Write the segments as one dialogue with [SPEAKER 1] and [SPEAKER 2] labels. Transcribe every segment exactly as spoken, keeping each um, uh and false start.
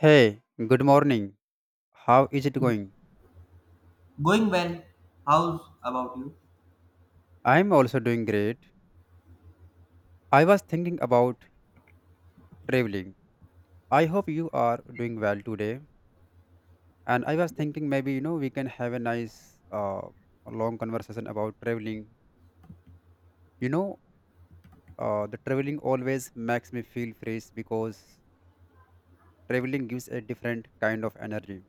[SPEAKER 1] Hey, good morning. How is it going?
[SPEAKER 2] Going well. How's about you?
[SPEAKER 1] I'm also doing great. I was thinking about traveling. I hope you are doing well today. And I was thinking maybe, you know, we can have a nice uh, long conversation about traveling. You know, uh, the traveling always makes me feel fresh because traveling gives a different kind of energy.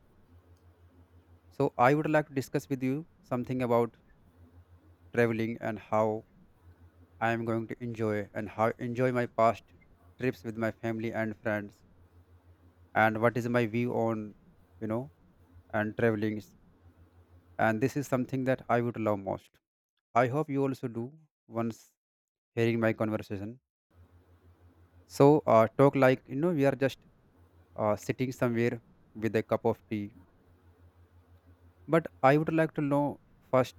[SPEAKER 1] So I would like to discuss with you something about traveling and how I am going to enjoy and how enjoy my past trips with my family and friends and what is my view on you know and traveling. And this is something that I would love most. I hope you also do, once hearing my conversation. So uh, talk like you know we are just uh, sitting somewhere with a cup of tea. But I would like to know first.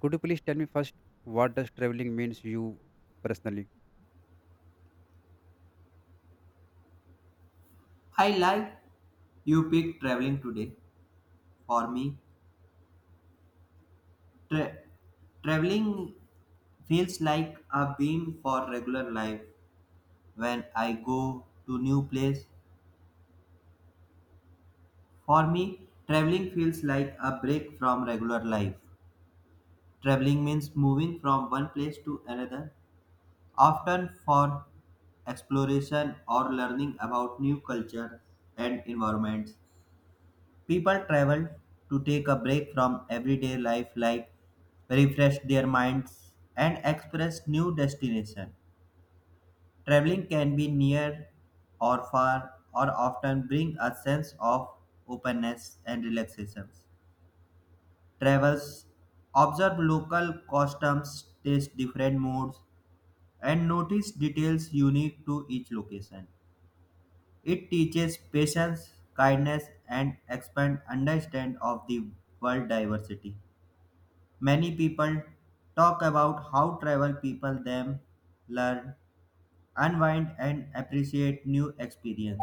[SPEAKER 1] Could you please tell me first, what does traveling means, you personally?
[SPEAKER 2] I like you picked traveling today. For me, tra- traveling feels like a beam for regular life when I go to new place. For me, traveling feels like a break from regular life. Traveling means moving from one place to another, often for exploration or learning about new culture and environments. People travel to take a break from everyday life, like refresh their minds and express new destination. Traveling can be near or far, or often bring a sense of openness and relaxation. Travels observe local customs, taste different moods, and notice details unique to each location. It teaches patience, kindness, and expand understand of the world diversity. Many people talk about how travel people them learn, unwind and appreciate new experience.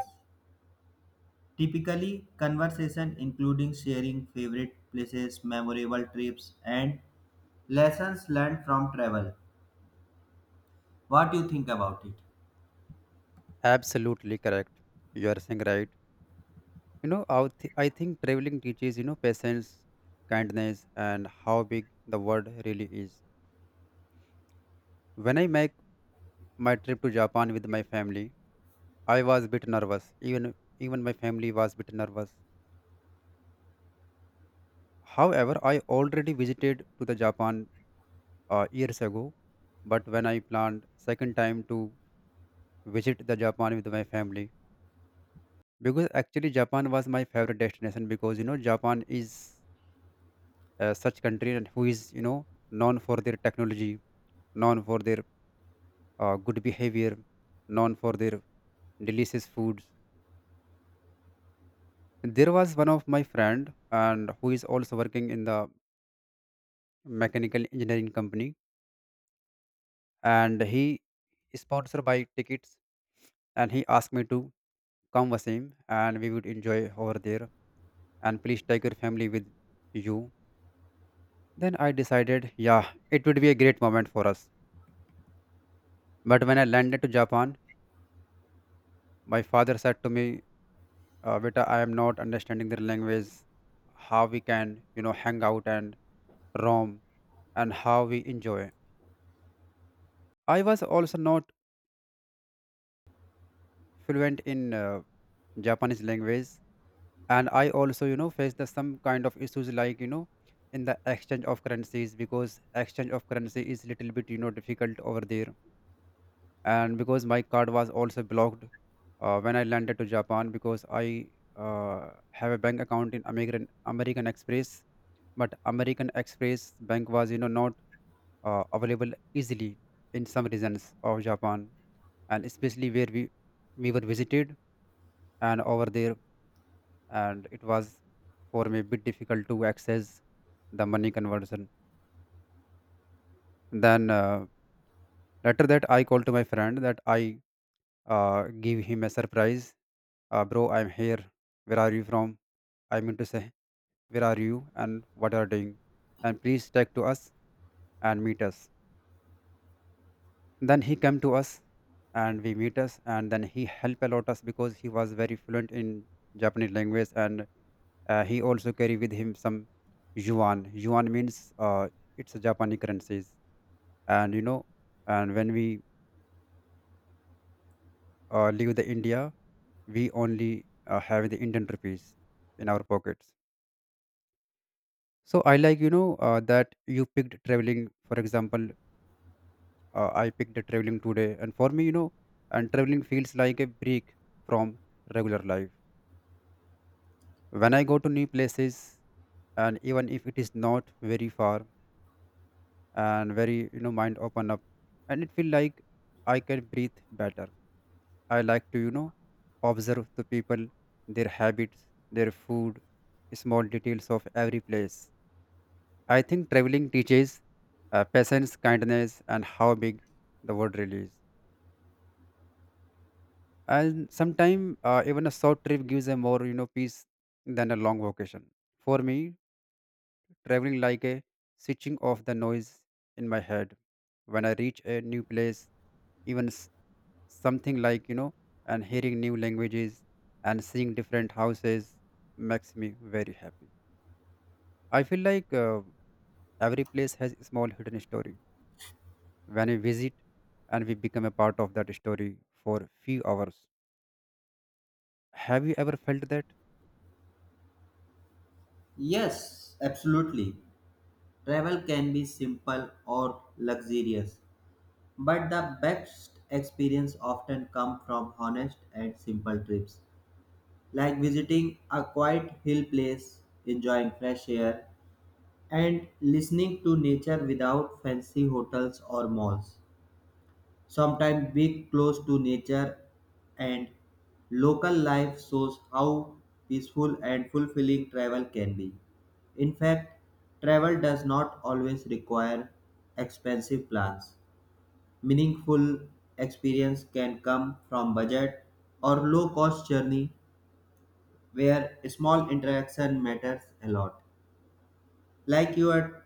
[SPEAKER 2] Typically, conversation including sharing favorite places, memorable trips and lessons learned from travel. What do you think about it?
[SPEAKER 1] Absolutely correct. You are saying right. you know I, th- I think traveling teaches, you know patience, kindness, and how big the world really is. When I make my trip to Japan with my family, I was a bit nervous. Even even my family was a bit nervous. However, I already visited to the Japan uh, years ago, but when I planned second time to visit the Japan with my family, because actually Japan was my favorite destination, because you know Japan is uh, such country and who is, you know known for their technology, known for their uh, good behavior, known for their delicious foods. There was one of my friend and who is also working in the mechanical engineering company, and he sponsored by tickets, and he asked me to come Wasim, and we would enjoy over there, and please take your family with you. Then I decided, yeah, it would be a great moment for us. But when I landed to Japan, my father said to me, uh, Beta, I am not understanding their language, how we can, you know, hang out and roam, and how we enjoy. I was also not fluent in uh, Japanese language, and I also, you know, faced the, some kind of issues like, you know, in the exchange of currencies, because exchange of currency is little bit, you know, difficult over there, and because my card was also blocked uh, when I landed to Japan, because I uh, have a bank account in American American Express, but American Express bank was, you know, not uh, available easily in some regions of Japan, and especially where we we were visited, and over there, and it was for me a bit difficult to access the money conversion. Then uh, later that I called to my friend that I uh, give him a surprise. Uh, bro, I'm here. Where are you from? I mean to say, where are you and what are doing, and please talk to us and meet us. Then he came to us, and we meet us, and then he helped a lot us, because he was very fluent in Japanese language. And Uh, he also carry with him some yuan. Yuan means uh, it's a Japanese currencies. And you know, and when we uh, leave the India, we only uh, have the Indian rupees in our pockets. So I like, you know uh, that you picked traveling. For example, uh, I picked the traveling today, and for me, you know, and traveling feels like a break from regular life. When I go to new places, and even if it is not very far, and very you know mind open up, and it feel like I can breathe better. I like to, you know observe the people, their habits, their food, small details of every place. I think traveling teaches, uh, patience, kindness, and how big the world really is. And sometimes uh, even a short trip gives a more, you know peace than a long vacation. For me, traveling like a switching off the noise in my head. When I reach a new place, even something like, you know and hearing new languages and seeing different houses makes me very happy. I feel like uh, every place has a small hidden story. When we visit, and we become a part of that story for few hours. Have you ever felt that?
[SPEAKER 2] Yes, absolutely. Travel can be simple or luxurious, but the best experience often come from honest and simple trips. Like visiting a quiet hill place, enjoying fresh air, and listening to nature without fancy hotels or malls. Sometimes being close to nature and local life shows how peaceful and fulfilling travel can be. In fact, travel does not always require expensive plans. Meaningful experience can come from budget or low cost journey where small interaction matters a lot. Like you are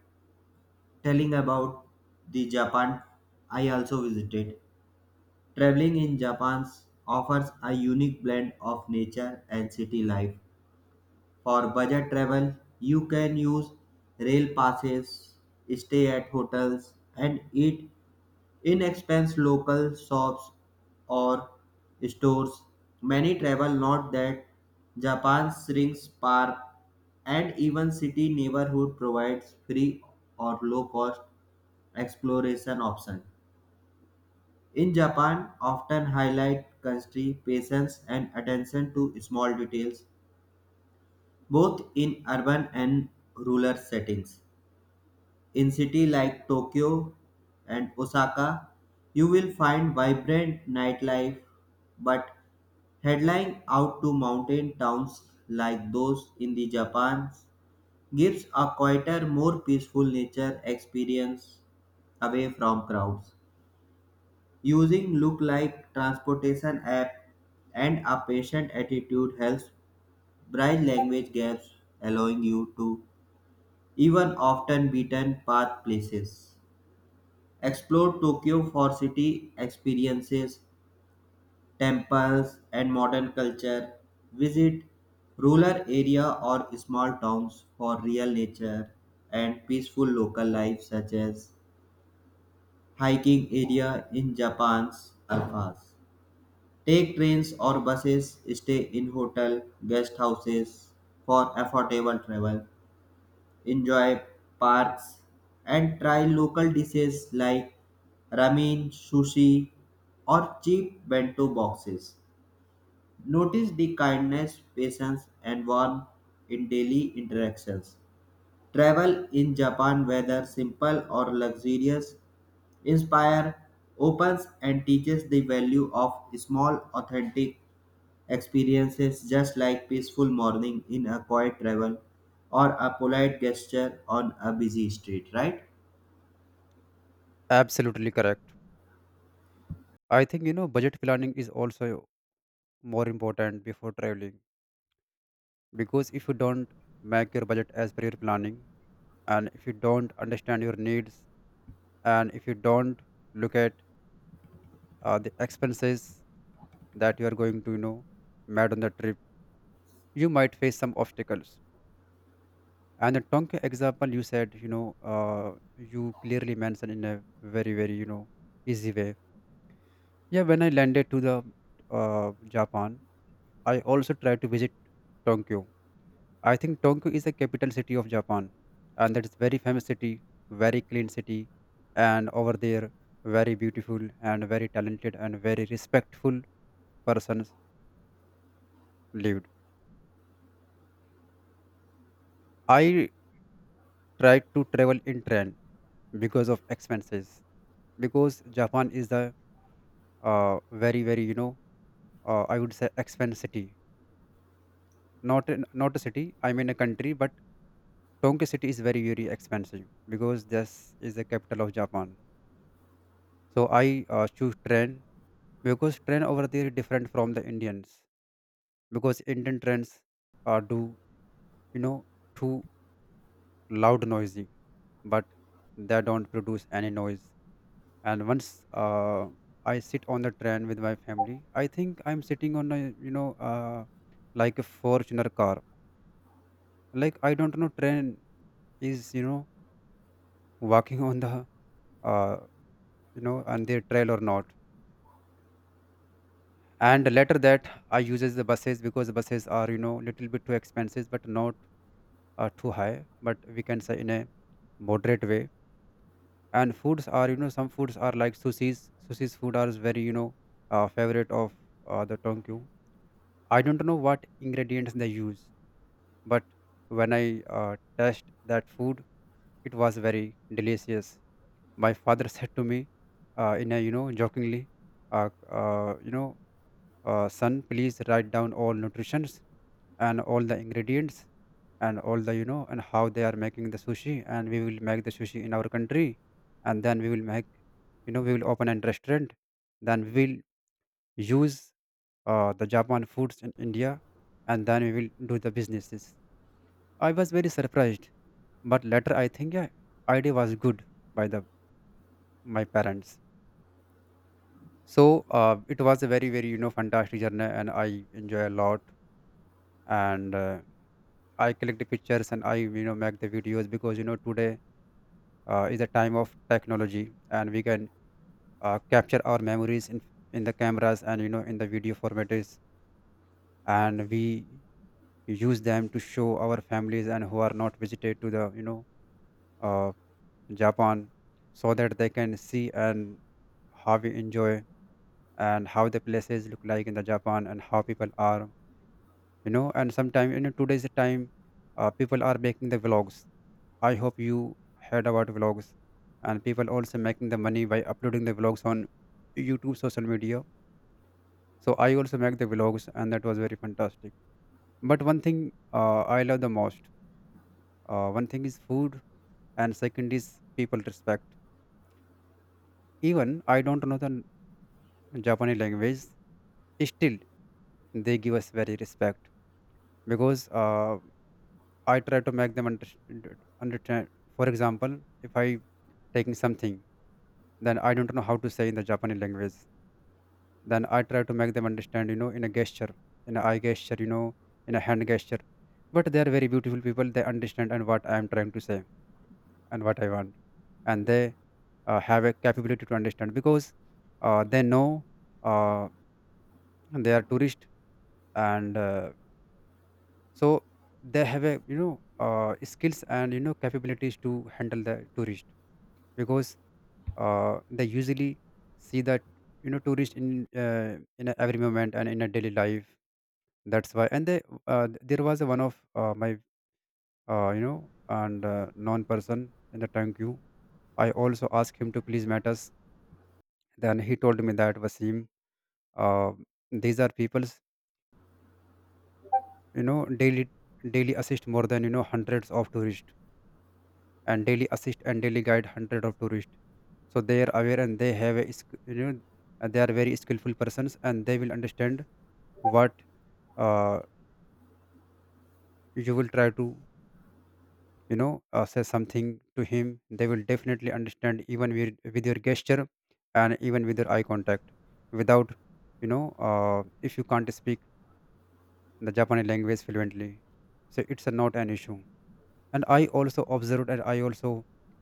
[SPEAKER 2] telling about the Japan I also visited. Traveling in Japan offers a unique blend of nature and city life. For budget travel, you can use rail passes, stay at hotels, and eat inexpensive local shops or stores. Many travel not that Japan's rings park and even city neighborhood provides free or low cost exploration option. In Japan, often highlight country patience and attention to small details, both in urban and rural settings. In cities like Tokyo and Osaka, you will find vibrant nightlife, but headline out to mountain towns like those in the Japan gives a quieter, more peaceful nature experience away from crowds. Using look like transportation app and a patient attitude helps bridge language gaps, allowing you to even often beaten path places. Explore Tokyo for city experiences, temples, and modern culture. Visit rural area or small towns for real nature and peaceful local life such as hiking area in Japan's alphas. Take trains or buses, stay in hotel guest houses for affordable travel. Enjoy parks, and try local dishes like ramen, sushi, or cheap bento boxes. Notice the kindness, patience, and warmth in daily interactions. Travel in Japan, whether simple or luxurious, inspire, opens, and teaches the value of small, authentic experiences just like peaceful morning in a quiet travel or a polite gesture on a busy street, right?
[SPEAKER 1] Absolutely correct. I think, you know budget planning is also more important before traveling, because if you don't make your budget as per your planning, and if you don't understand your needs, and if you don't look at uh, the expenses that you are going to, you know mad on the trip, you might face some obstacles. And the tonka example you said, you know uh, you clearly mentioned in a very, very, you know easy way. Yeah, when I landed to the uh, Japan, I also tried to visit Tokyo. I think Tokyo is the capital city of Japan, and that is very famous city, very clean city. And over there, very beautiful and very talented and very respectful persons lived. I tried to travel in train because of expenses, because Japan is the, uh, very very, you know uh, I would say expensive city. Not in- not a city, I mean a country, but Tokyo city is very very expensive, because this is the capital of Japan. So I uh, choose train, because train over there is different from the Indians, because Indian trains uh, do, you know too loud noisy, but they don't produce any noise. And once uh, I sit on the train with my family, I think I'm sitting on a, you know uh, like a fortuner car. Like, I don't know, train is, you know walking on the, uh, you know on their trail or not. And later that I uses the buses, because the buses are, you know little bit too expensive, but not uh, too high, but we can say in a moderate way. And foods are, you know some foods are like sushis sushis food are very, you know uh, favorite of uh, the tonkyu. I don't know what ingredients they use, but when I uh, tasted that food, it was very delicious. My father said to me, uh, in a, you know jokingly, uh, uh, you know, uh, son, please write down all nutritions and all the ingredients and all the, you know and how they are making the sushi, and we will make the sushi in our country, and then we will make, you know, we will open a restaurant, then we will use uh, the Japan foods in India, and then we will do the businesses. I was very surprised, but later I think, yeah, idea was good by the my parents. So uh, it was a very very, you know fantastic journey, and I enjoy a lot. And uh, I collect the pictures, and I, you know make the videos, because you know today uh, is a time of technology, and we can uh, capture our memories in in the cameras, and, you know in the video formats, and we, you use them to show our families and who are not visited to the, you know uh, Japan, so that they can see and how we enjoy and how the places look like in the Japan and how people are, you know and sometimes, you know today's the time, uh, people are making the vlogs. I hope you heard about vlogs, and people also making the money by uploading the vlogs on YouTube, social media. So I also make the vlogs, and that was very fantastic. But one thing uh, I love the most, uh, one thing is food, and second is people respect. Even I don't know the n- Japanese language, still they give us very respect. Because uh, I try to make them understand, understand for example, if I taking something, then I don't know how to say in the Japanese language, then I try to make them understand, you know, in a gesture, in an eye gesture, you know, in a hand gesture. But they are very beautiful people, they understand and what I am trying to say and what I want. And they uh, have a capability to understand because uh, they know uh, they are tourist, and uh, so they have a, you know, uh, skills and, you know, capabilities to handle the tourist. Because uh, they usually see that, you know, tourist in uh, in a every moment and in a daily life, that's why. And they uh, there was a one of uh, my uh, you know, and uh, non person in the tank you, I also asked him to please meet us. Then he told me that Vasim, uh, these are people's, you know, daily, daily assist more than, you know, hundreds of tourists and daily assist and daily guide hundred of tourists. So they are aware and they have a sk- you know uh, they are very skillful persons and they will understand what uh, you will try to, you know, uh, say something to him, they will definitely understand, even with, with your gesture and even with your eye contact, without, you know, uh, if you can't speak the Japanese language fluently, so it's a, not an issue. And I also observed and I also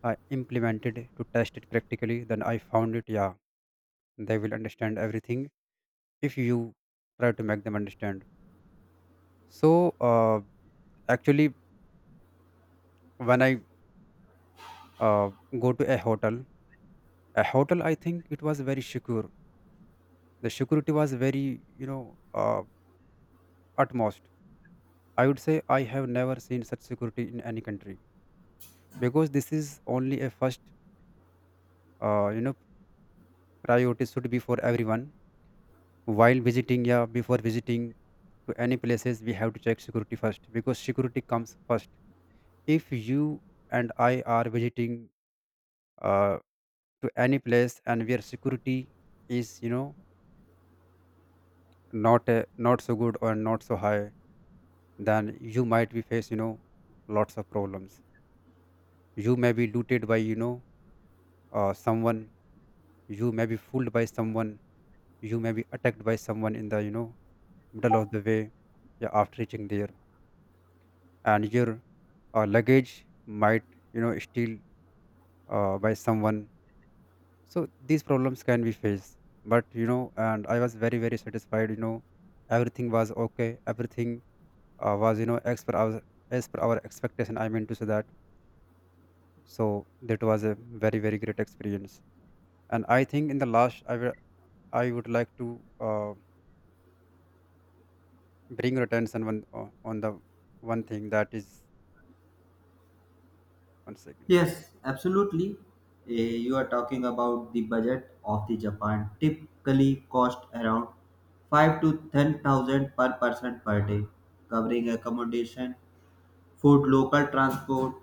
[SPEAKER 1] uh, implemented to test it practically, then I found it, yeah, they will understand everything if you try to make them understand. So uh, actually when I uh, go to a hotel, a hotel, I think it was very secure. The security was very, you know, uh, utmost, I would say. I have never seen such security in any country, because this is only a first, uh, you know, priority should be for everyone while visiting, yeah, before visiting to any places we have to check security first, because security comes first. If you and I are visiting uh, to any place and where security is, you know, not uh, not so good or not so high, then you might be face, you know, lots of problems. You may be looted by, you know, uh, someone, you may be fooled by someone, you may be attacked by someone in the, you know, middle of the way, yeah, after reaching there. And your, or luggage might, you know, steal uh, by someone. So these problems can be faced. But you know, and I was very very satisfied, you know, everything was okay, everything uh, was, you know, as per our, as per our expectation, I mean to say that. So that was a very very great experience. And I think in the last I will, I would like to uh, bring your attention one, uh, on the one thing that is one second.
[SPEAKER 2] Yes, absolutely. Eh, you are talking about the budget of the Japan typically cost around five to ten thousand per person per day, covering accommodation, food, local transport.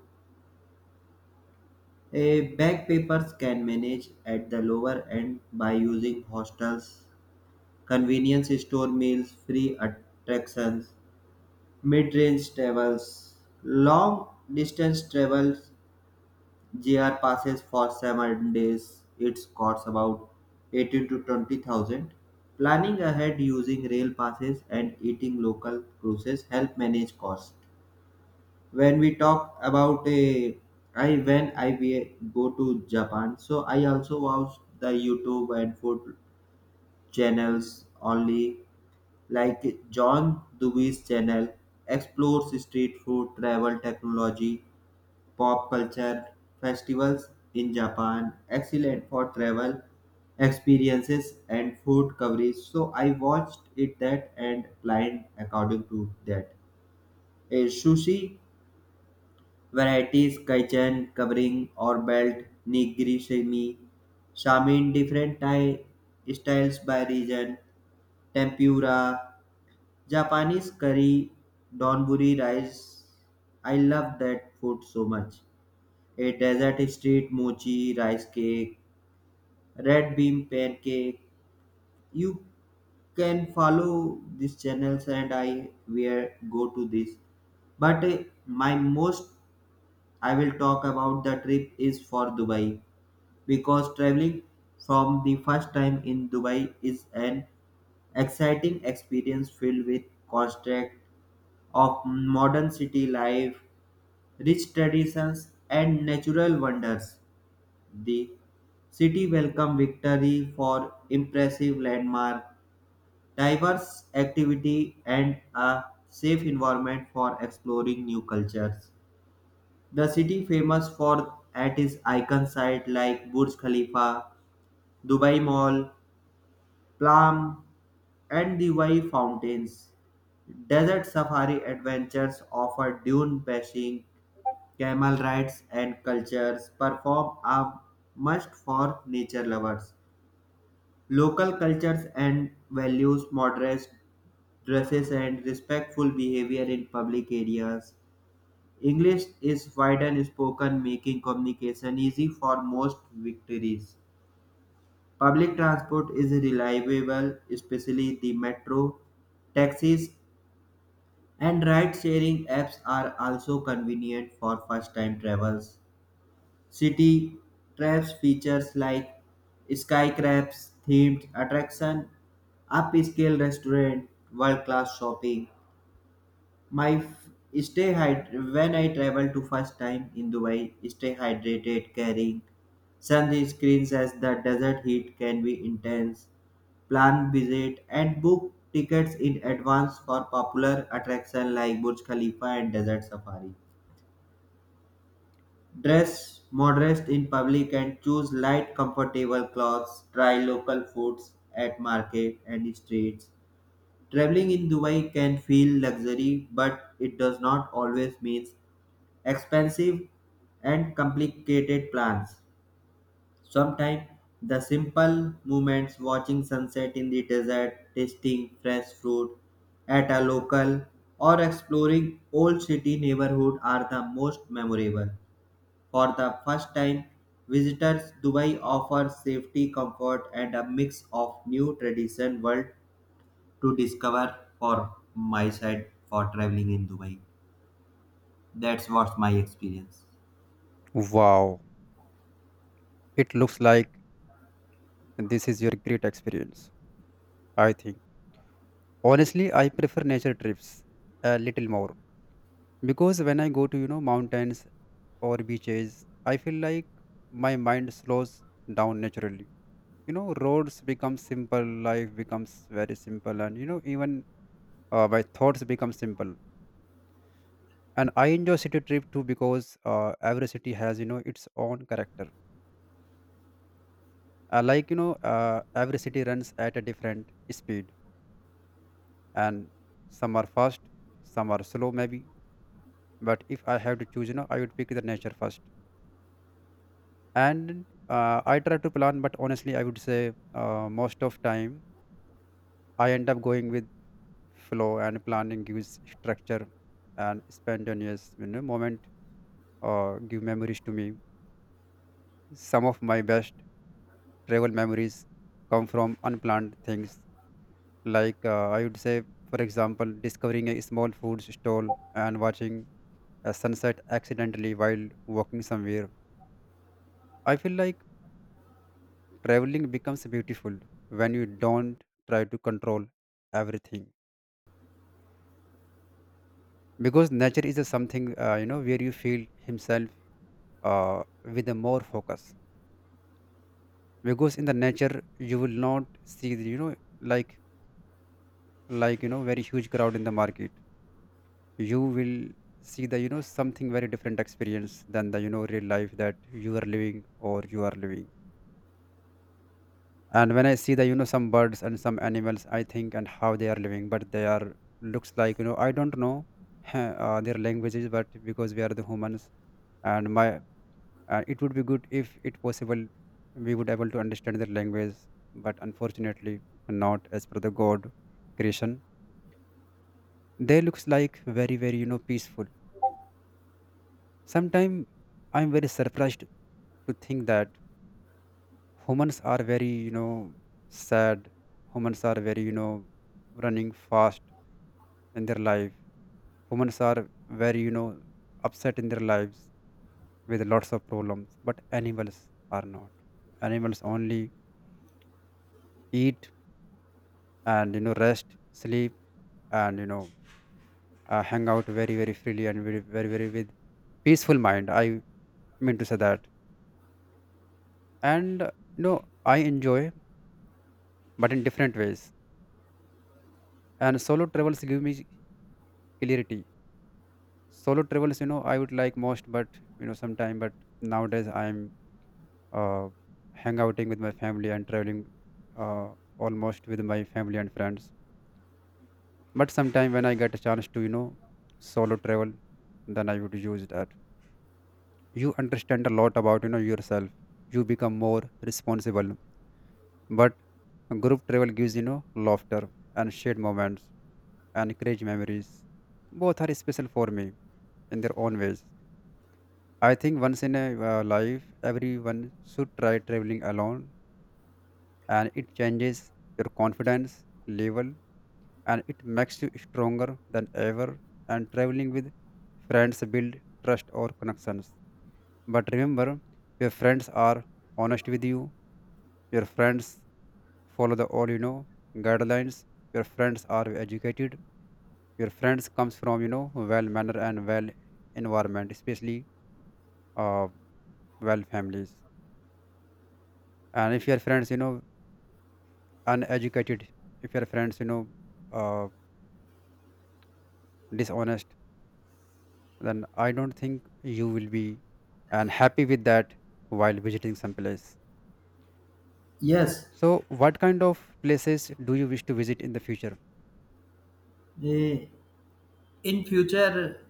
[SPEAKER 2] A backpackers can manage at the lower end by using hostels, convenience store meals, free attractions, mid-range travels, long-distance travels, J R passes for seven days. It costs about eighteen to twenty thousand. Planning ahead using rail passes and eating local cruises help manage costs. When we talk about a, I when I we go to Japan, so I also watch the YouTube and food channels only like John Dewey's channel, explores street food, travel, technology, pop culture, festivals in Japan. Excellent for travel experiences and food coverage. So I watched it that and planned according to that. A sushi varieties, kitchen covering or belt, nigiri shimi, shamin different Thai styles by region, tempura Japanese curry, donburi rice. I love that food so much. A desert street mochi rice cake, red bean pancake. You can follow these channels and I will go to this. But uh, my most I will talk about the trip is for Dubai because traveling from the first time in Dubai is an exciting experience filled with contrast of modern city life, rich traditions, and natural wonders. The city welcomed victory for impressive landmark, diverse activity, and a safe environment for exploring new cultures. The city famous for at its icon site like Burj Khalifa, Dubai Mall, Plum, and the Wai Fountains. Desert safari adventures offer dune bashing, camel rides and cultures perform a must for nature lovers. Local cultures and values modest dresses and respectful behavior in public areas. English is widely spoken, making communication easy for most victories. Public transport is reliable, especially the metro, taxis, and ride sharing apps are also convenient for first time travels. City traps features like skyscrapers, themed attraction, upscale restaurant, world-class shopping. My f- stay hyd- When I travel to first time in Dubai, stay hydrated, carrying sunscreens as the desert heat can be intense. Plan visit and book tickets in advance for popular attraction like Burj Khalifa and Desert Safari. Dress modest in public and choose light comfortable clothes. Try local foods at market and streets. Traveling in Dubai can feel luxury, but it does not always mean expensive and complicated plans. Sometimes the simple moments watching sunset in the desert, tasting fresh fruit at a local or exploring old city neighborhood are the most memorable. For the first time, visitors Dubai offers safety, comfort, and a mix of new tradition world to discover for my side for traveling in Dubai. That's what's my experience.
[SPEAKER 1] Wow, it looks like this is your great experience, I think. Honestly, I prefer nature trips a little more, because when I go to, you know, mountains or beaches, I feel like my mind slows down naturally. You know, roads become simple, life becomes very simple, and you know, even uh, my thoughts become simple. And I enjoy city trip too, because uh, every city has, you know, its own character. Uh, like you know, uh, every city runs at a different speed, and some are fast, some are slow maybe. But if I have to choose, you know, I would pick the nature first. And uh, I try to plan, but honestly I would say uh, most of time I end up going with flow, and planning gives structure, and spontaneous, you know, moment uh, give memories to me. Some of my best travel memories come from unplanned things, like uh, I would say, for example, discovering a small food stall and watching a sunset accidentally while walking somewhere. I feel like traveling becomes beautiful when you don't try to control everything. Because nature is a something uh, you know, where you feel himself uh, with a more focus. Because in the nature you will not see the, you know, like like you know, very huge crowd in the market, you will see the, you know, something very different experience than the, you know, real life that you are living or you are living. And when I see the, you know, some birds and some animals, I think and how they are living, but they are looks like, you know, I don't know uh, their languages, but because we are the humans. And my uh, it would be good if it possible we would able to understand their language. But unfortunately, not as per the god creation, they looks like very very, you know, peaceful. Sometimes I'm very surprised to think that humans are very, you know, sad. Humans are very, you know, running fast in their life. Humans are very, you know, upset in their lives with lots of problems. But animals are not. Animals only eat, and you know, rest, sleep, and you know, uh, hang out very very freely and very very very with peaceful mind, I mean to say that. And you know, I enjoy, but in different ways. And solo travels give me clarity. Solo travels, you know, I would like most. But you know, sometime. But nowadays I'm uh hang outing with my family, and traveling uh almost with my family and friends. But sometime when I get a chance to, you know, solo travel, then I would use that. You understand a lot about, you know, yourself, you become more responsible. But group travel gives, you know, laughter and shared moments and create memories. Both are special for me in their own ways. I think once in a uh, life, everyone should try traveling alone, and it changes your confidence level, and it makes you stronger than ever. And traveling with friends build trust or connections. But remember, your friends are honest with you. Your friends follow the all, you know, guidelines. Your friends are educated. Your friends comes from, you know, well manner and well environment, especially uh, well families. And if your friends, you know, uneducated, if your friends, you know, uh, dishonest, then I don't think you will be and happy with that while visiting some place.
[SPEAKER 2] Yes,
[SPEAKER 1] So what kind of places do you wish to visit in the future?
[SPEAKER 2] eh, in future,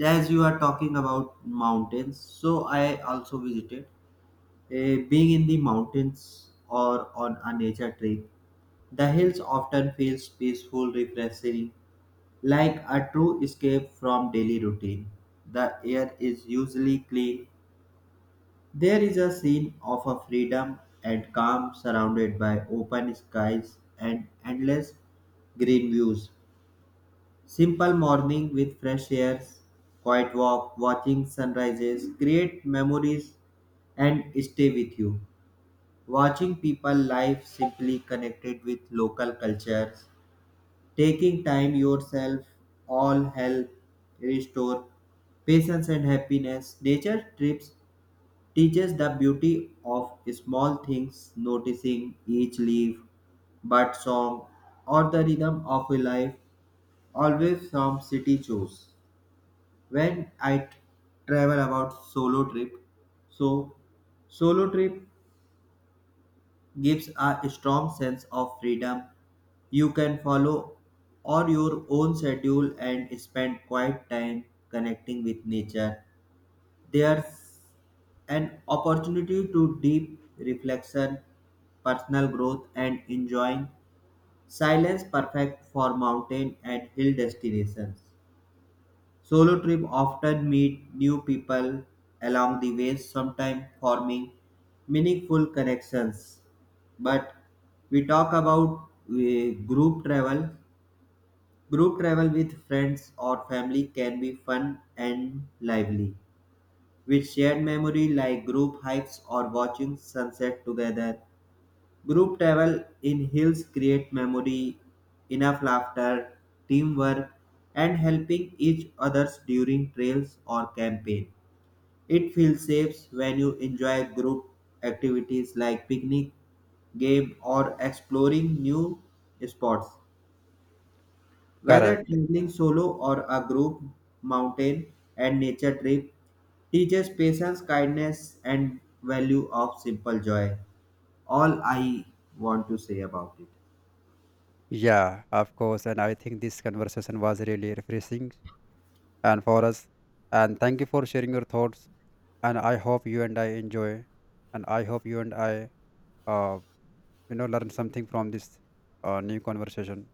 [SPEAKER 2] as you are talking about mountains, so I also visited. Eh, being in the mountains or on a nature trip, the hills often feels peaceful, refreshing, like a true escape from daily routine, the air is usually clean. There is a scene of a freedom and calm surrounded by open skies and endless green views. Simple morning with fresh air, quiet walk, watching sunrises create memories and stay with you. Watching people live simply connected with local cultures, taking time yourself all help restore patience and happiness. Nature trips teaches the beauty of small things, noticing each leaf, bird song, or the rhythm of a life, always from city shows. When I t- Travel about solo trip, so solo trip gives a strong sense of freedom. You can follow or your own schedule and spend quiet time connecting with nature. There's an opportunity to deep reflection, personal growth and enjoying silence perfect for mountain and hill destinations. Solo trip often meet new people along the way, sometimes forming meaningful connections. But we talk about uh, group travel. Group travel with friends or family can be fun and lively. With shared memory like group hikes or watching sunset together, group travel in hills create memory, enough laughter, teamwork, and helping each others during trails or campaign. It feels safe when you enjoy group activities like picnic, game, or exploring new spots. Whether
[SPEAKER 1] Correct.
[SPEAKER 2] traveling solo or a group, mountain and nature trip teaches patience, kindness, and value of simple joy. All I want to say about it.
[SPEAKER 1] Yeah, of course. And I think this conversation was really refreshing and for us, and thank you for sharing your thoughts. And I hope you and I enjoy, and I hope you and I uh, you know, learn something from this uh, new conversation.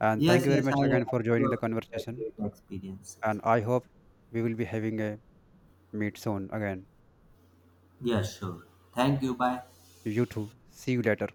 [SPEAKER 1] And thank
[SPEAKER 2] Yes,
[SPEAKER 1] you very
[SPEAKER 2] yes, I
[SPEAKER 1] much
[SPEAKER 2] also
[SPEAKER 1] again for joining the
[SPEAKER 2] had
[SPEAKER 1] conversation.
[SPEAKER 2] great experiences.
[SPEAKER 1] And I hope we will be having a meet soon again.
[SPEAKER 2] Yes, sure. Thank you. Bye.
[SPEAKER 1] You too. See you later.